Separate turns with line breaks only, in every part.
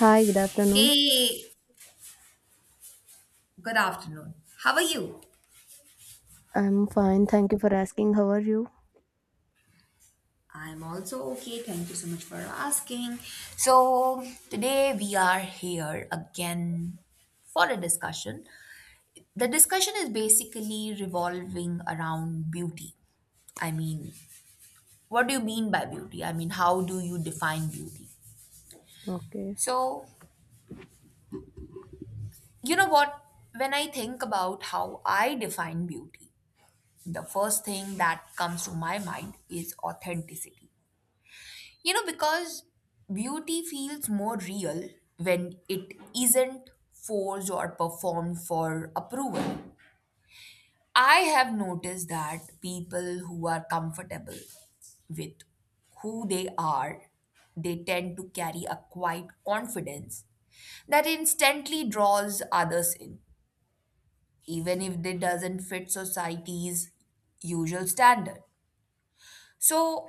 Hi, good afternoon.
Hey, good afternoon. How are you?
I'm fine. Thank you for asking. How are you?
I'm also okay. Thank you so much for asking. So, today we are here again for a discussion. The discussion is basically revolving around beauty. I mean, what do you mean by beauty? I mean, how do you define beauty?
Okay.
So, you know what? When I think about how I define beauty, the first thing that comes to my mind is authenticity. You know, because beauty feels more real when it isn't forced or performed for approval. I have noticed that people who are comfortable with who they are, they tend to carry a quiet confidence that instantly draws others in, even if they doesn't fit society's usual standard. So,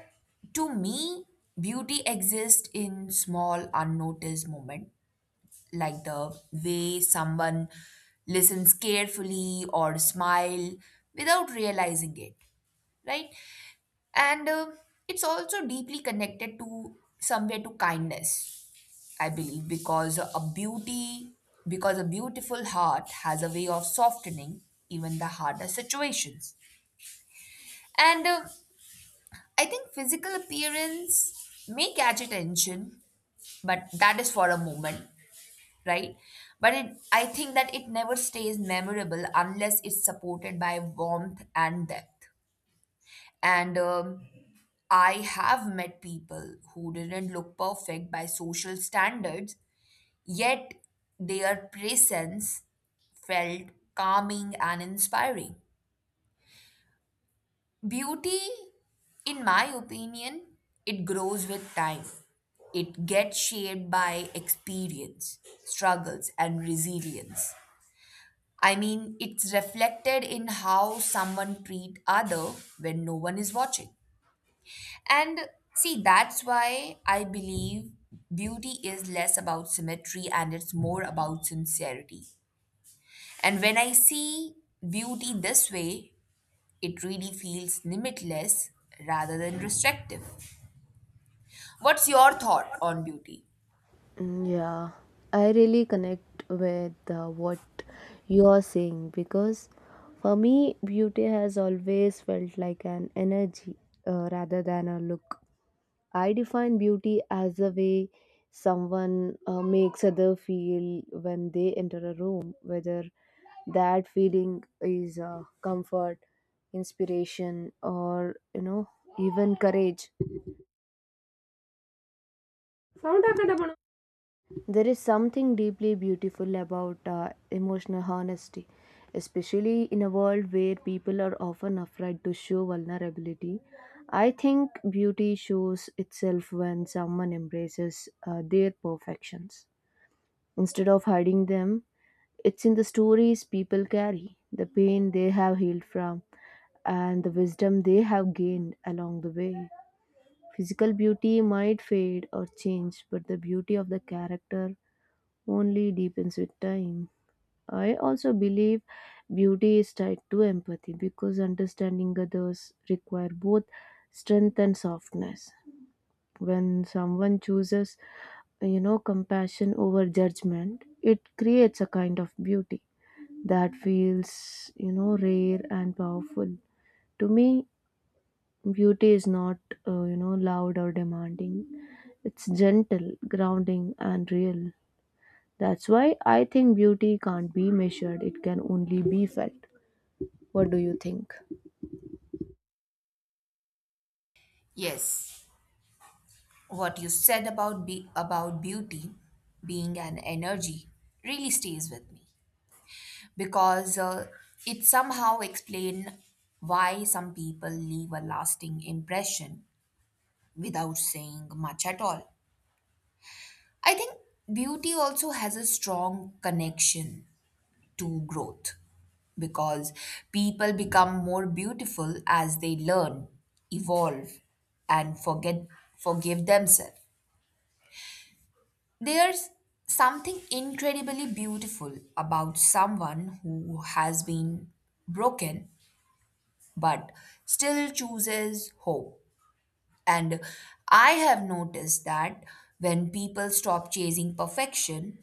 to me, beauty exists in small, unnoticed moments, like the way someone listens carefully or smile without realizing it, right? And It's also deeply connected to somewhere to kindness, I believe, because a beautiful heart has a way of softening even the hardest situations. And I think physical appearance may catch attention, but that is for a moment, right? But it, I think that it never stays memorable unless it's supported by warmth and depth. And I have met people who didn't look perfect by social standards, yet their presence felt calming and inspiring. Beauty, in my opinion, it grows with time. It gets shaped by experience, struggles, and resilience. I mean, it's reflected in how someone treat other when no one is watching. And see, that's why I believe beauty is less about symmetry and it's more about sincerity. And when I see beauty this way, it really feels limitless rather than restrictive. What's your thought on beauty?
Mm, yeah, I really connect with what you are saying, because for me, beauty has always felt like an energy rather than a look. I define beauty as the way someone makes other feel when they enter a room, whether that feeling is comfort, inspiration, or even courage. There is something deeply beautiful about emotional honesty, especially in a world where people are often afraid to show vulnerability. I think beauty shows itself when someone embraces their perfections. Instead of hiding them, it's in the stories people carry, the pain they have healed from, and the wisdom they have gained along the way. Physical beauty might fade or change, but the beauty of the character only deepens with time. I also believe beauty is tied to empathy because understanding others require both strength and softness. When someone chooses, compassion over judgment, it creates a kind of beauty that feels, rare and powerful. To me, beauty is not, loud or demanding. It's gentle, grounding, and real. That's why I think beauty can't be measured, it can only be felt. What do you think?
Yes, what you said about beauty being an energy really stays with me because it somehow explains why some people leave a lasting impression without saying much at all. I think beauty also has a strong connection to growth because people become more beautiful as they learn, evolve, and forget forgive themselves. There's something incredibly beautiful about someone who has been broken but still chooses hope. And I have noticed that when people stop chasing perfection,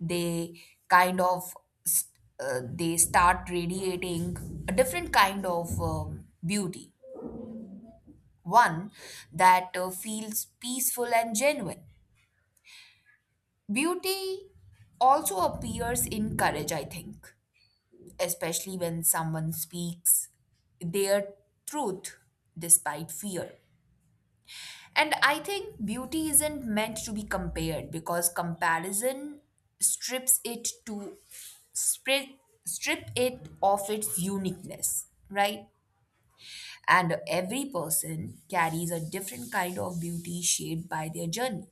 they kind of st- they start radiating a different kind of beauty, one that feels peaceful and genuine. Beauty also appears in courage, I think, especially when someone speaks their truth despite fear. And I think beauty isn't meant to be compared because comparison strips it to strip, strip it of its uniqueness, right? And every person carries a different kind of beauty shaped by their journey.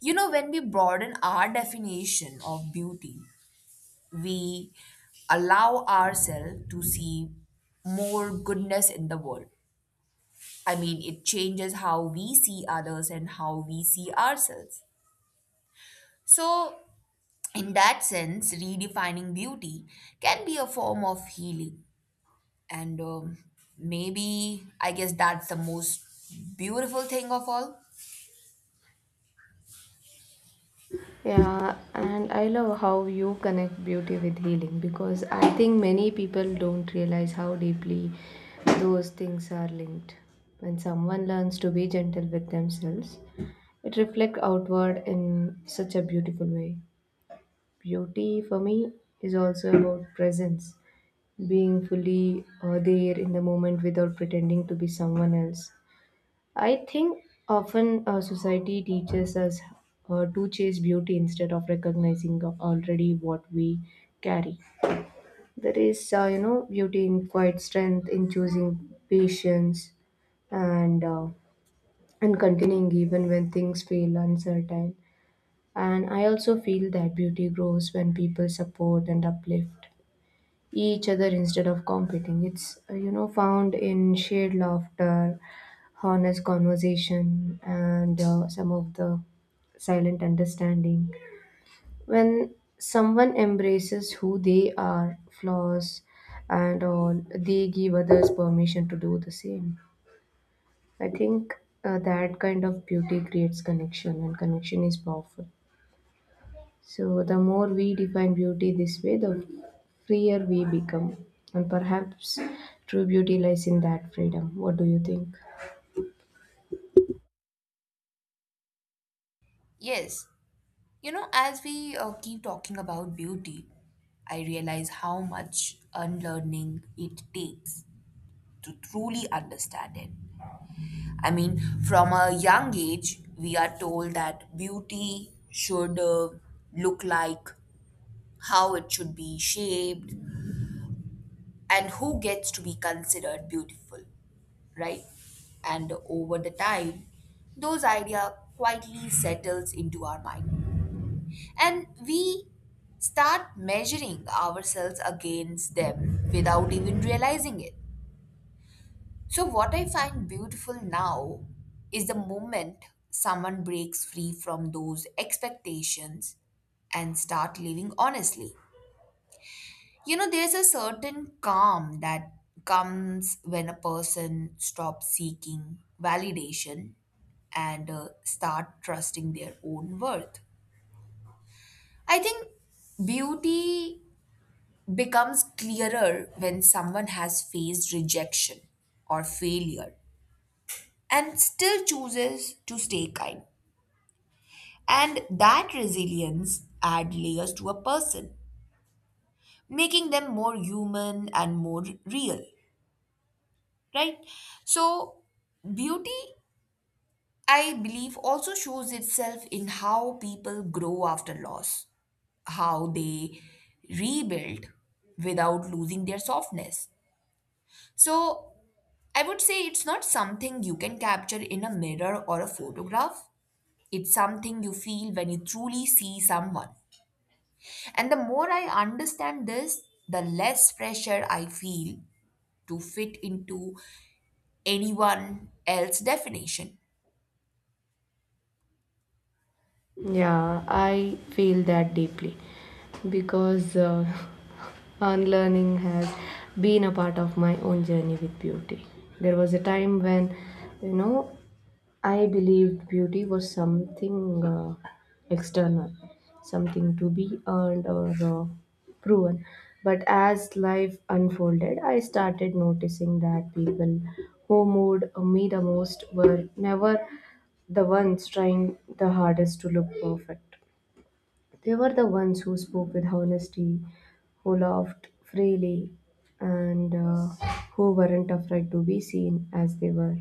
You know, when we broaden our definition of beauty, we allow ourselves to see more goodness in the world. I mean, it changes how we see others and how we see ourselves. So, in that sense, redefining beauty can be a form of healing. And maybe I guess that's the most beautiful thing of all.
Yeah, and I love how you connect beauty with healing, because I think many people don't realize how deeply those things are linked. When someone learns to be gentle with themselves, it reflects outward in such a beautiful way. Beauty for me is also about presence, being fully there in the moment without pretending to be someone else. I think often society teaches us to chase beauty instead of recognizing already what we carry. There is, beauty in quiet strength, in choosing patience, and uh, and continuing even when things feel uncertain. And I also feel that beauty grows when people support and uplift each other instead of competing. It's, found in shared laughter, honest conversation, and some of the silent understanding. When someone embraces who they are, flaws, and all, they give others permission to do the same. I think that kind of beauty creates connection, and connection is powerful. So, the more we define beauty this way, the freer we become. And perhaps true beauty lies in that freedom. What do you think?
Yes. You know, as we keep talking about beauty, I realize how much unlearning it takes to truly understand it. I mean, from a young age, we are told that beauty should look like how it should be shaped, and who gets to be considered beautiful, right? And over the time, those idea quietly settles into our mind. And we start measuring ourselves against them without even realizing it. So what I find beautiful now is the moment someone breaks free from those expectations and start living honestly. You know, there's a certain calm that comes when a person stops seeking validation and start trusting their own worth. I think beauty becomes clearer when someone has faced rejection or failure and still chooses to stay kind. And that resilience adds layers to a person, making them more human and more real, right? So, beauty, I believe, also shows itself in how people grow after loss, how they rebuild without losing their softness. So, I would say it's not something you can capture in a mirror or a photograph. It's something you feel when you truly see someone. And the more I understand this, the less pressure I feel to fit into anyone else's definition.
Yeah, I feel that deeply because unlearning has been a part of my own journey with beauty. There was a time when, you know, I believed beauty was something external, something to be earned or proven. But as life unfolded, I started noticing that people who moved me the most were never the ones trying the hardest to look perfect. They were the ones who spoke with honesty, who laughed freely, and who weren't afraid to be seen as they were.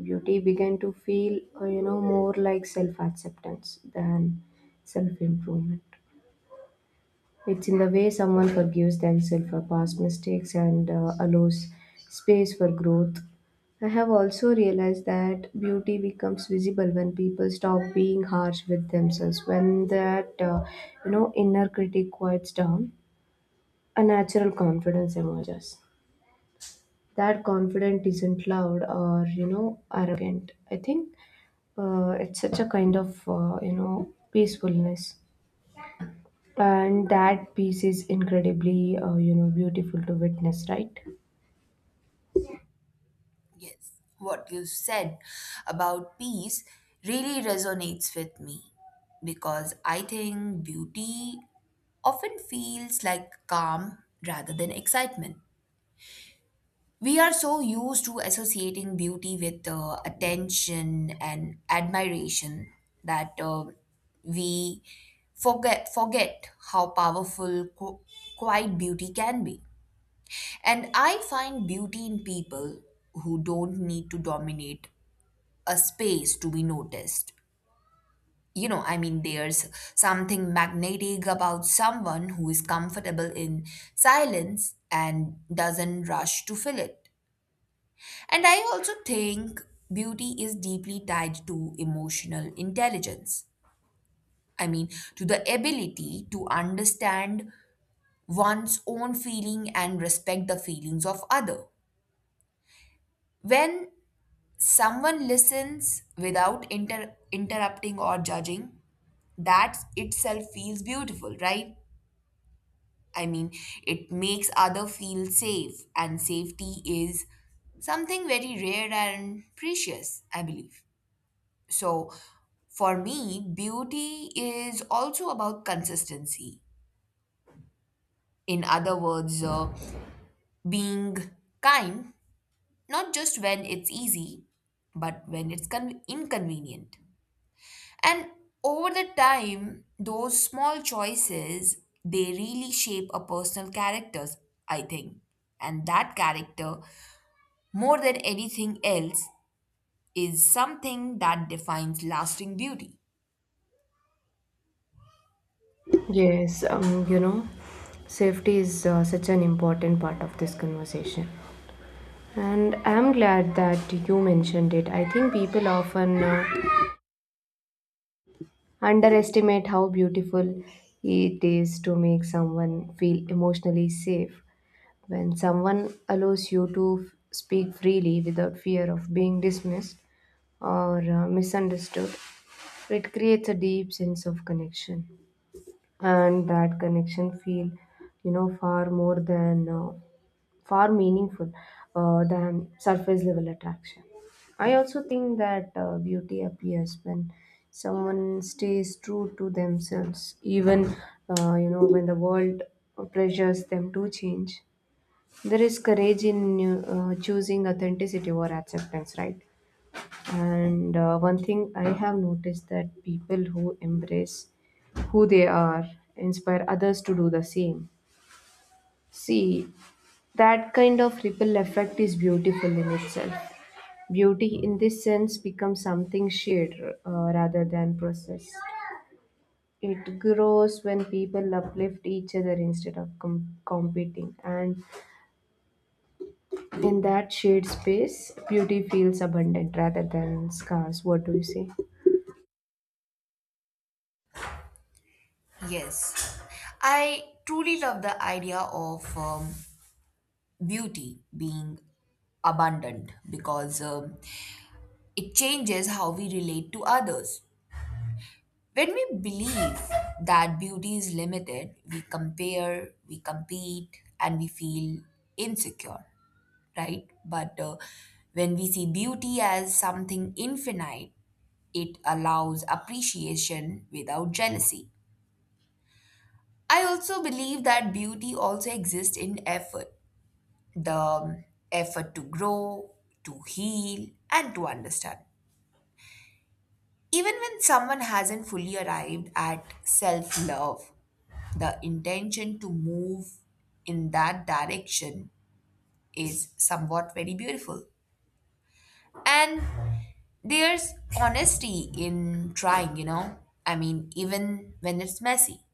Beauty began to feel, more like self acceptance than self improvement. It's in the way someone forgives themselves for past mistakes and allows space for growth. I have also realized that beauty becomes visible when people stop being harsh with themselves, when that inner critic quiets down, a natural confidence emerges. That confidence isn't loud or arrogant. I think it's such a kind of peacefulness. And that piece is incredibly beautiful to witness, right?
Yes, what you said about peace really resonates with me because I think beauty often feels like calm rather than excitement. We are so used to associating beauty with attention and admiration that we forget how powerful quiet beauty can be. And I find beauty in people who don't need to dominate a space to be noticed. You know, I mean, there's something magnetic about someone who is comfortable in silence and doesn't rush to fill it. And I also think beauty is deeply tied to emotional intelligence. I mean, to the ability to understand one's own feeling and respect the feelings of other. When someone listens without interrupting or judging, that itself feels beautiful, right? I mean, it makes other feel safe, and safety is something very rare and precious, I believe. So, for me, beauty is also about consistency. In other words, being kind, not just when it's easy, but when it's inconvenient. And over the time, those small choices, they really shape a personal characters, I think. And that character, more than anything else, is something that defines lasting beauty.
Yes, safety is such an important part of this conversation, and I'm glad that you mentioned it. I think people often underestimate how beautiful it is to make someone feel emotionally safe. When someone allows you to speak freely without fear of being dismissed or misunderstood. So it creates a deep sense of connection, and that connection feel, far more than far meaningful than surface level attraction. I also think that beauty appears when someone stays true to themselves, even when the world pressures them to change. There is courage in choosing authenticity over acceptance, right? And one thing I have noticed that people who embrace who they are inspire others to do the same. See, that kind of ripple effect is beautiful in itself. Beauty, in this sense, becomes something shared rather than processed. It grows when people uplift each other instead of competing. And in that shared space, beauty feels abundant rather than scarce. What do you say?
Yes. I truly love the idea of beauty being abundant because it changes how we relate to others. When we believe that beauty is limited, we compare, we compete, and we feel insecure, right? But when we see beauty as something infinite, it allows appreciation without jealousy. I also believe that beauty also exists in effort, the effort to grow, to heal, and to understand. Even when someone hasn't fully arrived at self love, the intention to move in that direction is somewhat very beautiful. And there's honesty in trying, you know, I mean, even when it's messy.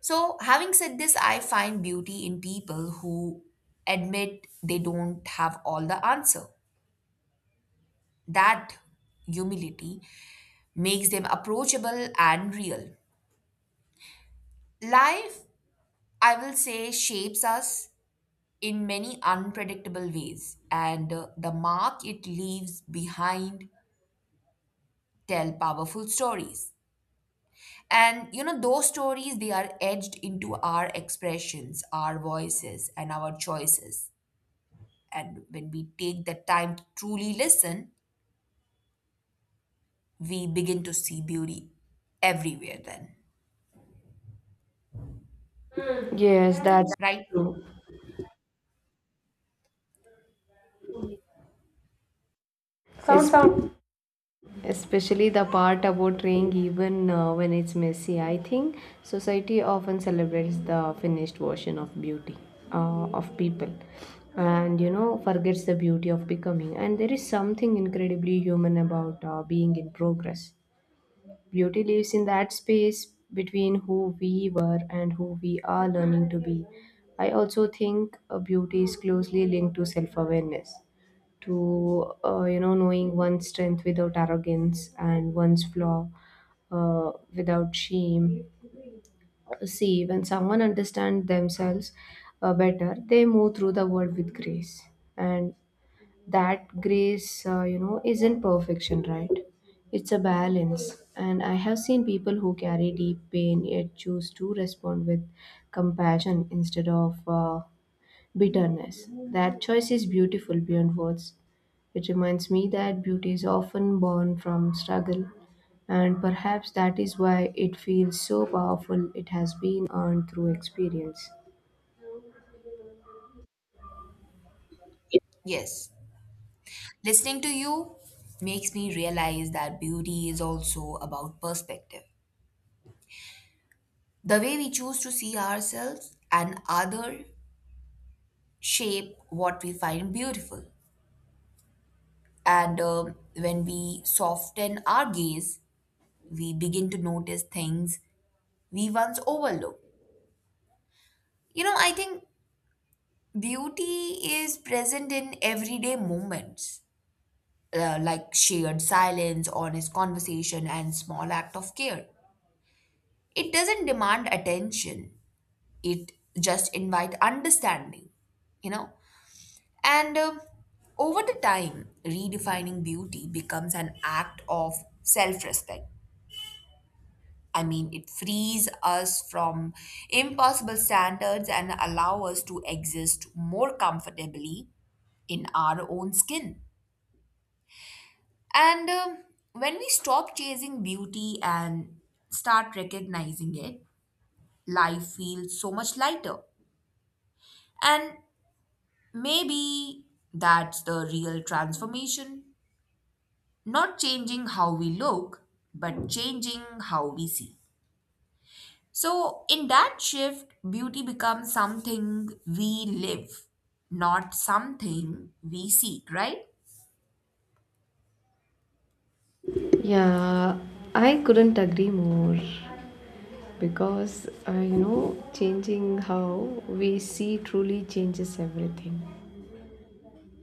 So, having said this, I find beauty in people who admit they don't have all the answer. That humility makes them approachable and real. Life, I will say, shapes us in many unpredictable ways, and the mark it leaves behind tell powerful stories. And you know, those stories they are edged into our expressions, our voices, and our choices. And when we take the time to truly listen, we begin to see beauty everywhere, then,
Yes, that's
right?
true. Sound, sound, especially the part about raying, even when it's messy. I think society often celebrates the finished version of beauty of people, and forgets the beauty of becoming. And there is something incredibly human about being in progress. Beauty lives in that space between who we were and who we are learning to be. I also think beauty is closely linked to self awareness, to knowing one's strength without arrogance, and one's flaw without shame. See, when someone understands themselves better, they move through the world with grace, and that grace isn't perfection, right? It's a balance, and I have seen people who carry deep pain yet choose to respond with compassion instead of bitterness. That choice is beautiful beyond words. It reminds me that beauty is often born from struggle, and perhaps that is why it feels so powerful. It has been earned through experience.
Yes. Listening to you makes me realize that beauty is also about perspective. The way we choose to see ourselves and other shape what we find beautiful. And when we soften our gaze, we begin to notice things we once overlooked. You know, I think beauty is present in everyday moments, like shared silence, honest conversation, and small act of care. It doesn't demand attention; it just invite understanding. You know. And over the time, redefining beauty becomes an act of self respect. I mean, it frees us from impossible standards and allow us to exist more comfortably in our own skin. And when we stop chasing beauty and start recognizing it, life feels so much lighter. And maybe that's the real transformation, not changing how we look, but changing how we see. So, in that shift, beauty becomes something we live, not something we seek, right?
Yeah, I couldn't agree more because changing how we see truly changes everything.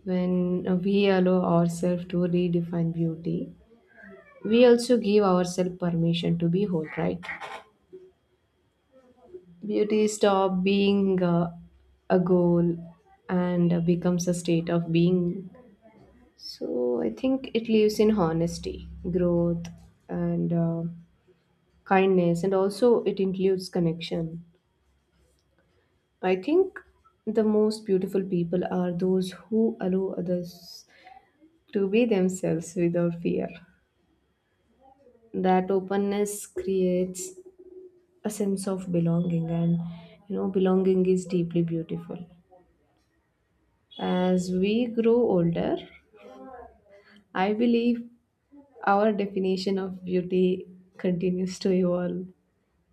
When we allow ourselves to redefine beauty, we also give ourselves permission to be whole, right? Beauty stop being a goal and becomes a state of being. So I think it lives in honesty, growth, and kindness, and also it includes connection. I think the most beautiful people are those who allow others to be themselves without fear. That openness creates a sense of belonging, and belonging is deeply beautiful. As we grow older, I believe our definition of beauty continues to evolve,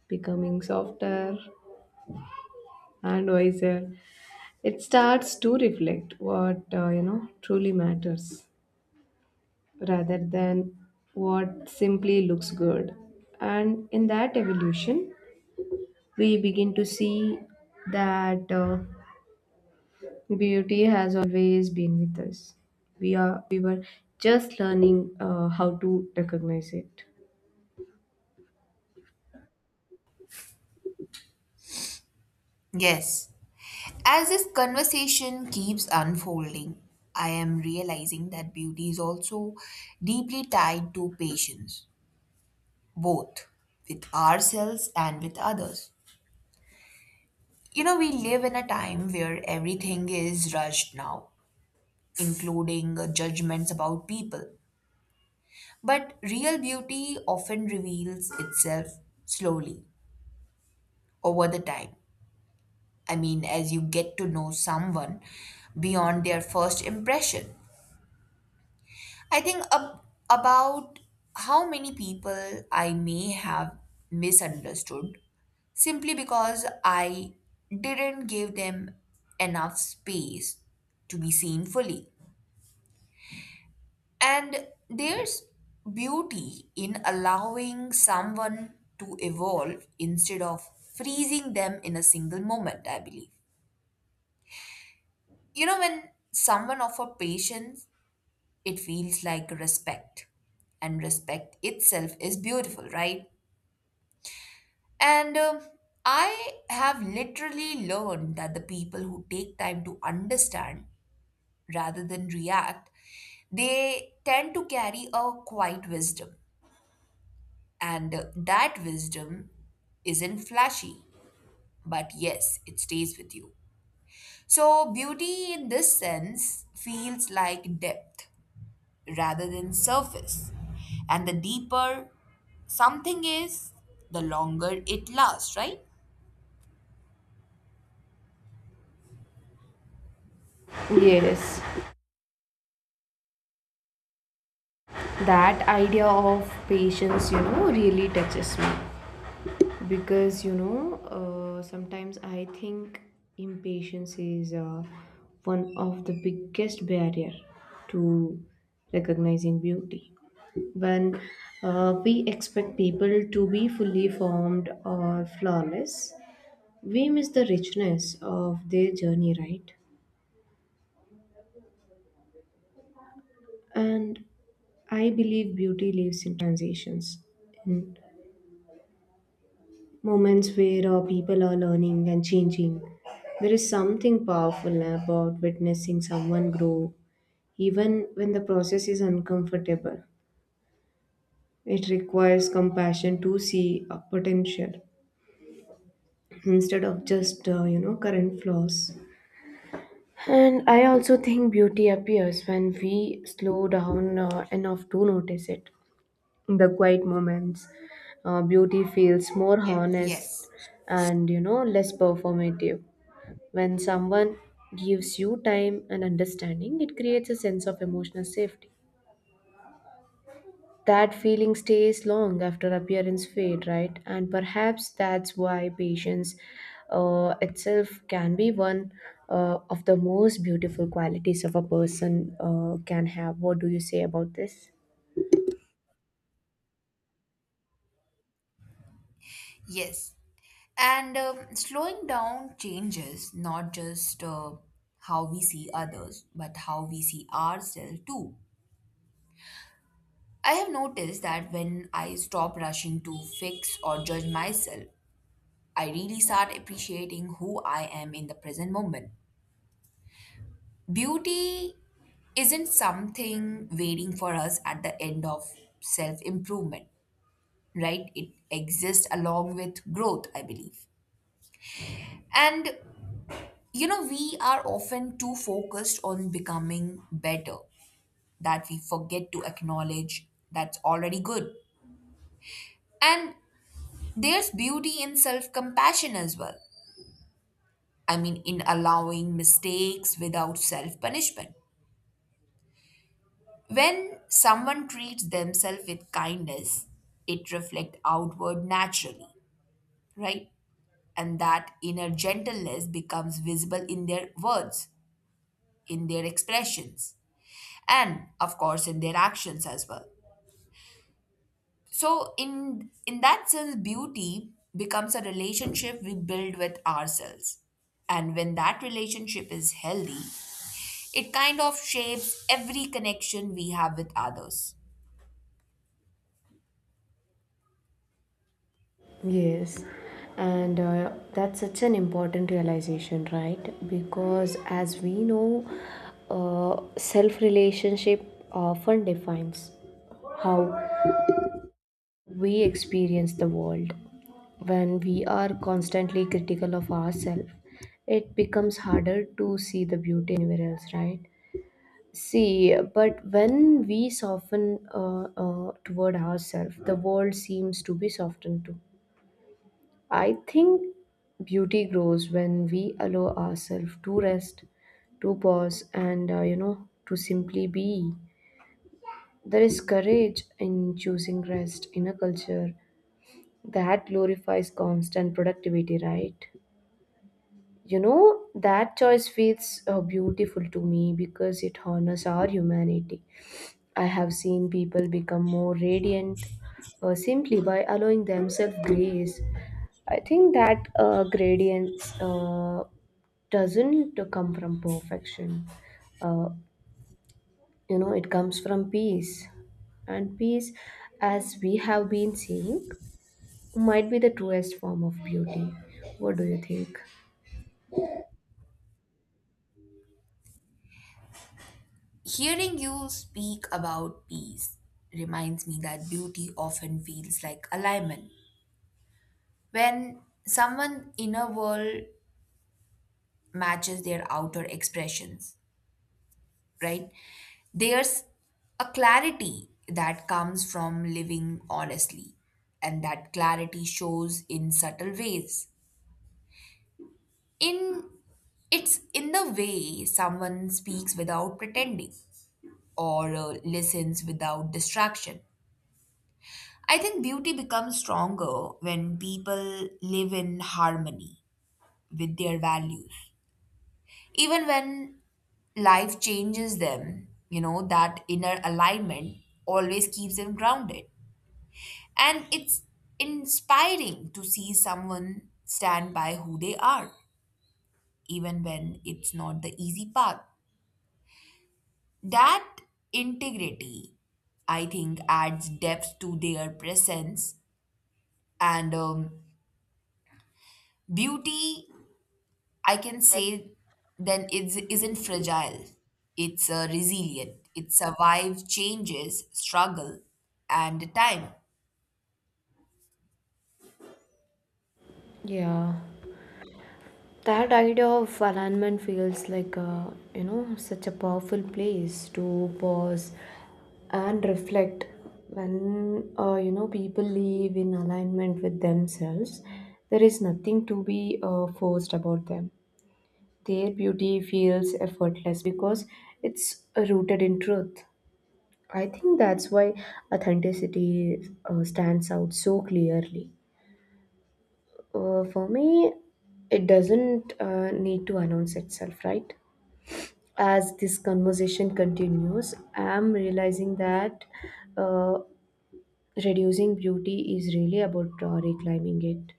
becoming softer and wiser. It starts to reflect what truly matters rather than what simply looks good. And in that evolution, we begin to see that beauty has always been with us. We were just learning how to recognize it.
Yes. As this conversation keeps unfolding, I am realizing that beauty is also deeply tied to patience, both with ourselves and with others. You know, we live in a time where everything is rushed now, including judgments about people. But real beauty often reveals itself slowly over the time. I mean, as you get to know someone beyond their first impression. I think ab- about how many people I may have misunderstood simply because I didn't give them enough space to be seen fully. And there's beauty in allowing someone to evolve instead of freezing them in a single moment, I believe. You know, when someone offers patience, it feels like respect. And respect itself is beautiful, right? And I have literally learned that the people who take time to understand rather than react, they tend to carry a quiet wisdom. And that wisdom isn't flashy, but yes, it stays with you. So, beauty in this sense feels like depth rather than surface. And the deeper something is, the longer it lasts, right?
Yes. That idea of patience really touches me, because sometimes I think impatience is one of the biggest barrier to recognizing beauty. When we expect people to be fully formed or flawless, we miss the richness of their journey, right? And I believe beauty lives in transitions, in moments where people are learning and changing. There is something powerful about witnessing someone grow, even when the process is uncomfortable. It requires compassion to see a potential instead of just, current flaws. And I also think beauty appears when we slow down enough to notice it. In the quiet moments, beauty feels more honest
Yes,
and less performative. When someone gives you time and understanding, it creates a sense of emotional safety. That feeling stays long after appearance fade, right? And perhaps that's why patience itself can be one of the most beautiful qualities of a person can have. What do you say about this?
yes. And slowing down changes not just how we see others, but how we see ourselves too. I have noticed that when I stop rushing to fix or judge myself, I really start appreciating who I am in the present moment. Beauty isn't something waiting for us at the end of self improvement, right? It exists along with growth, I believe. And you know, we are often too focused on becoming better that we forget to acknowledge that's already good. And there's beauty in self compassion as well. I mean, in allowing mistakes without self punishment. When someone treats themselves with kindness, it reflects outward naturally, right? And that inner gentleness becomes visible in their words, in their expressions, and of course in their actions as well. So in that sense, beauty becomes a relationship we build with ourselves. And when that relationship is healthy, it kind of shapes every connection we have with others.
Yes, and that's such an important realization, right? Because as we know, self relationship often defines how we experience the world. When we are constantly critical of ourselves, it becomes harder to see the beauty anywhere else, right? See, but when we soften toward ourselves, the world seems to be softened too. I think beauty grows when we allow ourselves to rest, to pause, and to simply be. There is courage in choosing rest in a culture that glorifies constant productivity, right? You know, that choice feels beautiful to me. It our humanity. I have seen people become more radiant simply by allowing themselves grace. I think that gradients doesn't come. uh, it comes from peace, and peace, as we have been seeing, might be the truest form of beauty. What do you think?
Hearing you speak about peace reminds me that beauty often feels like alignment. When someone's inner world matches their outer expressions, right? There's a clarity that comes from living honestly, and that clarity shows in subtle ways. In It's in the way someone speaks without pretending or listens without distraction. I think beauty becomes stronger when people live in harmony with their values. Even when life changes them, you know, that inner alignment always keeps them grounded. And it's inspiring to see someone stand by who they are, even when it's not the easy path. That integrity, I think, adds depth to their presence. And beauty, I can say then, is isn't fragile. It's resilient. It survives changes, struggle, and time.
Yeah, that idea of alignment feels like a, you know such a powerful place to pause and reflect. When people live in alignment with themselves, there is nothing to be forced about them. Their beauty feels effortless because it's rooted in truth. I think that's why authenticity stands out so clearly. For me, it doesn't need to announce itself, right? As this conversation continues, I'm realizing that uh, reducing beauty is really about reclaiming it.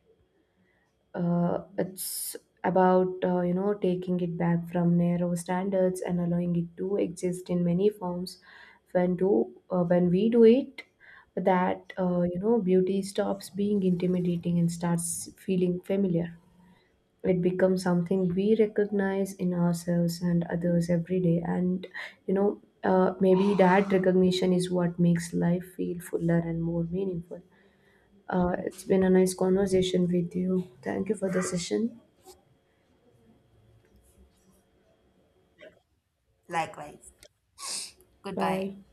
It's about taking it back from narrow standards and allowing it to exist in many forms. When we do it, that beauty stops being intimidating and starts feeling familiar. It becomes something we recognize in ourselves and others every day, and maybe that recognition is what makes life feel fuller and more meaningful. It's been a nice conversation with you. Thank you for the session.
Likewise, goodbye.
Bye.